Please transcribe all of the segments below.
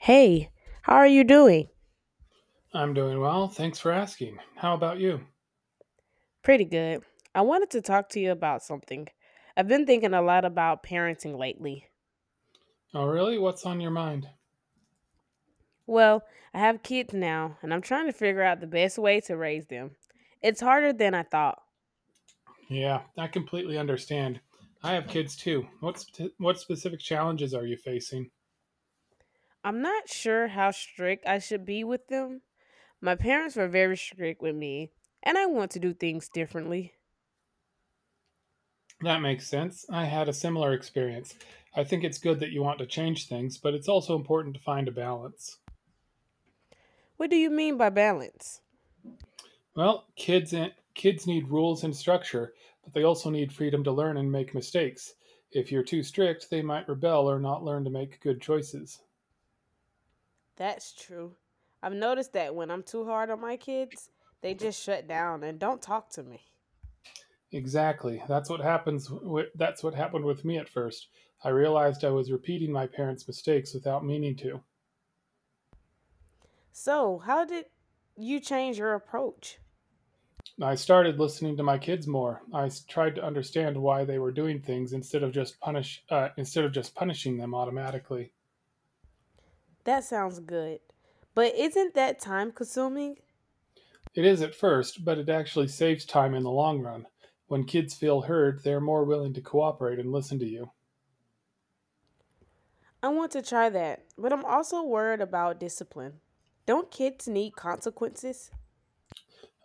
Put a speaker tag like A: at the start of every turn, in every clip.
A: Hey, how are you doing?
B: I'm doing well. Thanks for asking. How about you?
A: Pretty good. I wanted to talk to you about something. I've been thinking a lot about parenting lately.
B: Oh, really? What's on your mind?
A: Well, I have kids now, and I'm trying to figure out the best way to raise them. It's harder than I thought.
B: Yeah, I completely understand. I have kids too. What specific challenges are you facing?
A: I'm not sure how strict I should be with them. My parents were very strict with me, and I want to do things differently.
B: That makes sense. I had a similar experience. I think it's good that you want to change things, but it's also important to find a balance.
A: What do you mean by balance?
B: Well, kids need rules and structure, but they also need freedom to learn and make mistakes. If you're too strict, they might rebel or not learn to make good choices.
A: That's true. I've noticed that when I'm too hard on my kids, they just shut down and don't talk to me.
B: Exactly. That's what happened with me at first. I realized I was repeating my parents' mistakes without meaning to.
A: So, how did you change your approach?
B: I started listening to my kids more. Tried to understand why they were doing things instead of just punishing them automatically.
A: That sounds good. But isn't that time consuming?
B: It is at first, but it actually saves time in the long run. When kids feel heard, they're more willing to cooperate and listen to you.
A: I want to try that, but I'm also worried about discipline. Don't kids need consequences?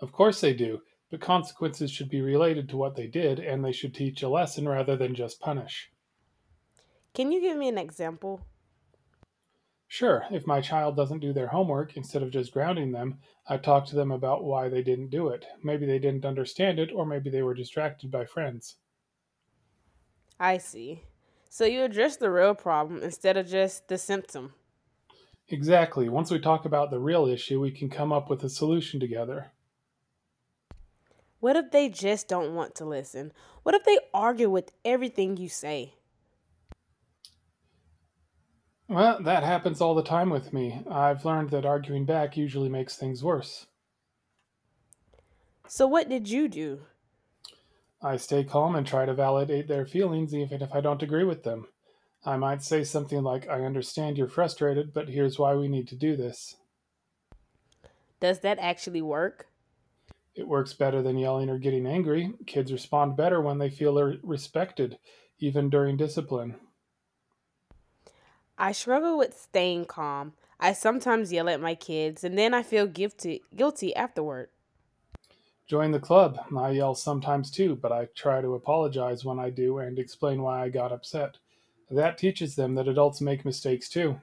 B: Of course they do, but consequences should be related to what they did, and they should teach a lesson rather than just punish.
A: Can you give me an example?
B: Sure, if my child doesn't do their homework, instead of just grounding them, I talk to them about why they didn't do it. Maybe they didn't understand it, or maybe they were distracted by friends.
A: I see. So, you address the real problem instead of just the symptom.
B: Exactly. Once we talk about the real issue, we can come up with a solution together.
A: What if they just don't want to listen? What if they argue with everything you say?
B: Well, that happens all the time with me. I've learned that arguing back usually makes things worse.
A: So, what did you do?
B: I stay calm and try to validate their feelings even if I don't agree with them. I might say something like, I understand you're frustrated, but here's why we need to do this.
A: Does that actually work?
B: It works better than yelling or getting angry. Kids respond better when they feel they're respected, even during discipline.
A: I struggle with staying calm. I sometimes yell at my kids and then I feel guilty afterward.
B: Join the club. I yell sometimes too, but I try to apologize when I do and explain why I got upset. That teaches them that adults make mistakes too.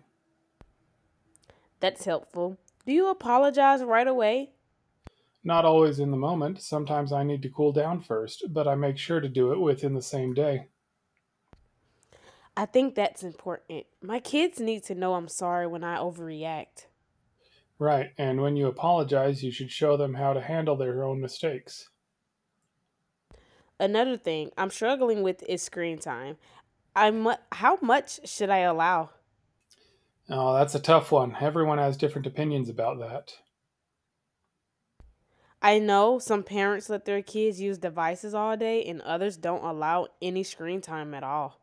A: That's helpful. Do you apologize right away?
B: Not always in the moment, sometimes I need to cool down first, but I make sure to do it within the same day.
A: I think that's important. My kids need to know I'm sorry when I overreact.
B: Right, and when you apologize, you should show them how to handle their own mistakes.
A: Another thing I'm struggling with is screen time. How much should I allow?
B: Oh, that's a tough one. Everyone has different opinions about that.
A: I know some parents let their kids use devices all day and others don't allow any screen time at all.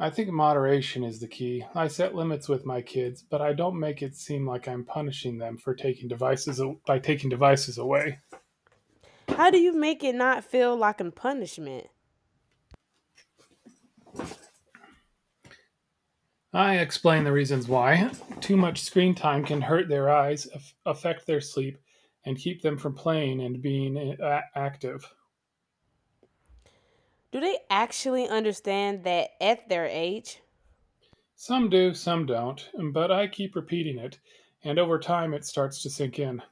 B: I think moderation is the key. I set limits with my kids, but I don't make it seem like I'm punishing them for taking devices by taking devices away.
A: How do you make it not feel like a punishment?
B: I explain the reasons why. Too much screen time can hurt their eyes, affect their sleep, and keep them from playing and being active.
A: Do they actually understand that at their age?
B: Some do, some don't, but I keep repeating it, and over time it starts to sink in.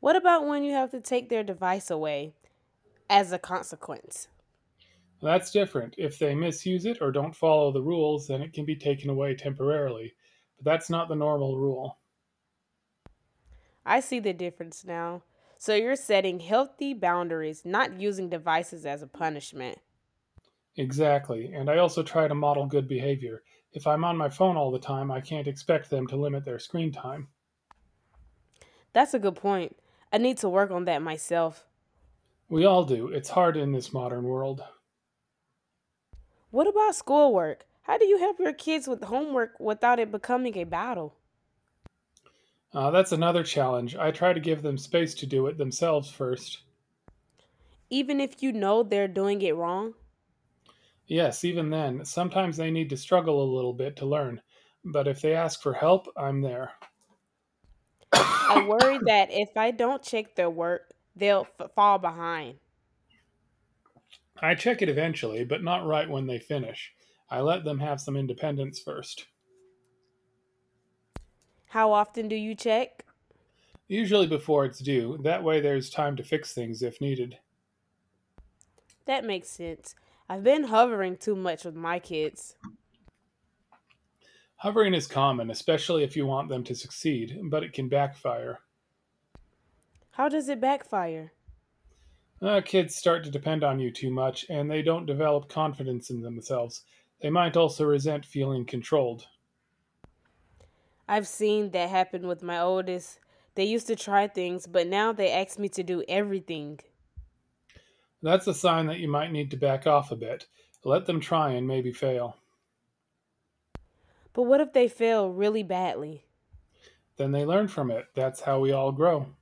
A: What about when you have to take their device away as a consequence?
B: That's different. If they misuse it or don't follow the rules, then it can be taken away temporarily. But that's not the normal rule.
A: I see the difference now. So you're setting healthy boundaries, not using devices as a punishment.
B: Exactly, and I also try to model good behavior. If I'm on my phone all the time, I can't expect them to limit their screen time.
A: That's a good point. I need to work on that myself.
B: We all do. It's hard in this modern world.
A: What about schoolwork? How do you help your kids with homework without it becoming a battle?
B: That's another challenge. I try to give them space to do it themselves first.
A: Even if you know they're doing it wrong?
B: Yes, even then, sometimes they need to struggle a little bit to learn, but if they ask for help, I'm there.
A: I worry that if I don't check their work, fall behind.
B: I check it eventually, but not right when they finish. I let them have some independence first,
A: How often do you check?
B: usually before it's due. That way, there's time to fix things if needed.
A: That makes sense. I've been hovering too much with my kids.
B: Hovering is common, especially if you want them to succeed, but it can backfire.
A: How does it backfire?
B: Kids start to depend on you too much, and they don't develop confidence in themselves. They might also resent feeling controlled.
A: I've seen that happen with my oldest. They used to try things, but now they ask me to do everything.
B: That's a sign that you might need to back off a bit. Let them try and maybe fail.
A: But what if they fail really badly?
B: Then they learn from it. That's how we all grow.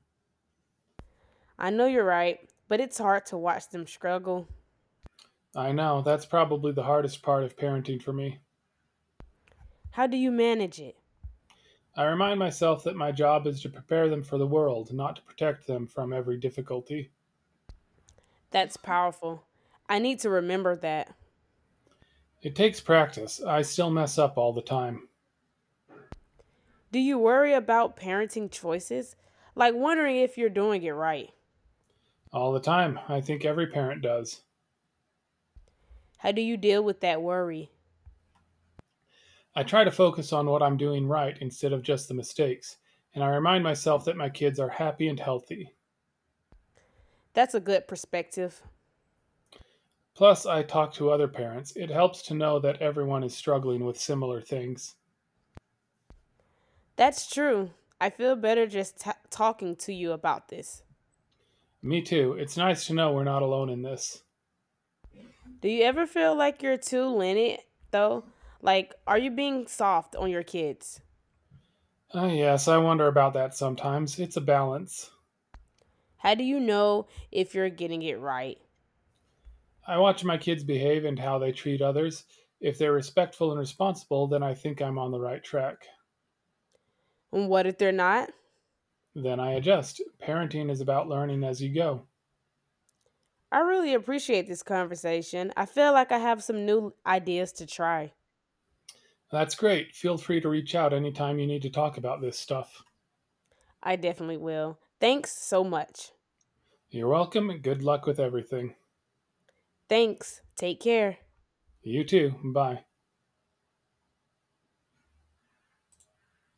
A: I know you're right, but it's hard to watch them struggle.
B: I know, that's probably the hardest part of parenting for me.
A: How do you manage it?
B: I remind myself that my job is to prepare them for the world, not to protect them from every difficulty.
A: That's powerful. I need to remember that.
B: It takes practice. I still mess up all the time.
A: Do you worry about parenting choices? Like wondering if you're doing it right?
B: All the time. I think every parent does.
A: How do you deal with that worry?
B: I try to focus on what I'm doing right instead of just the mistakes, and I remind myself that my kids are happy and healthy.
A: That's a good perspective.
B: Plus, I talk to other parents. It helps to know that everyone is struggling with similar things.
A: That's true. I feel better just talking to you about this.
B: Me too. It's nice to know we're not alone in this.
A: Do you ever feel like you're too lenient, though? Like, are you being soft on your kids?
B: Ah, yes, I wonder about that sometimes. It's a balance.
A: How do you know if you're getting it right?
B: I watch my kids behave and how they treat others. If they're respectful and responsible, then I think I'm on the right track.
A: And what if they're not?
B: Then I adjust. Parenting is about learning as you go.
A: I really appreciate this conversation. I feel like I have some new ideas to try.
B: That's great. Feel free to reach out anytime you need to talk about this stuff.
A: I definitely will. Thanks so much.
B: You're welcome, and good luck with everything.
A: Thanks. Take care.
B: You too. Bye.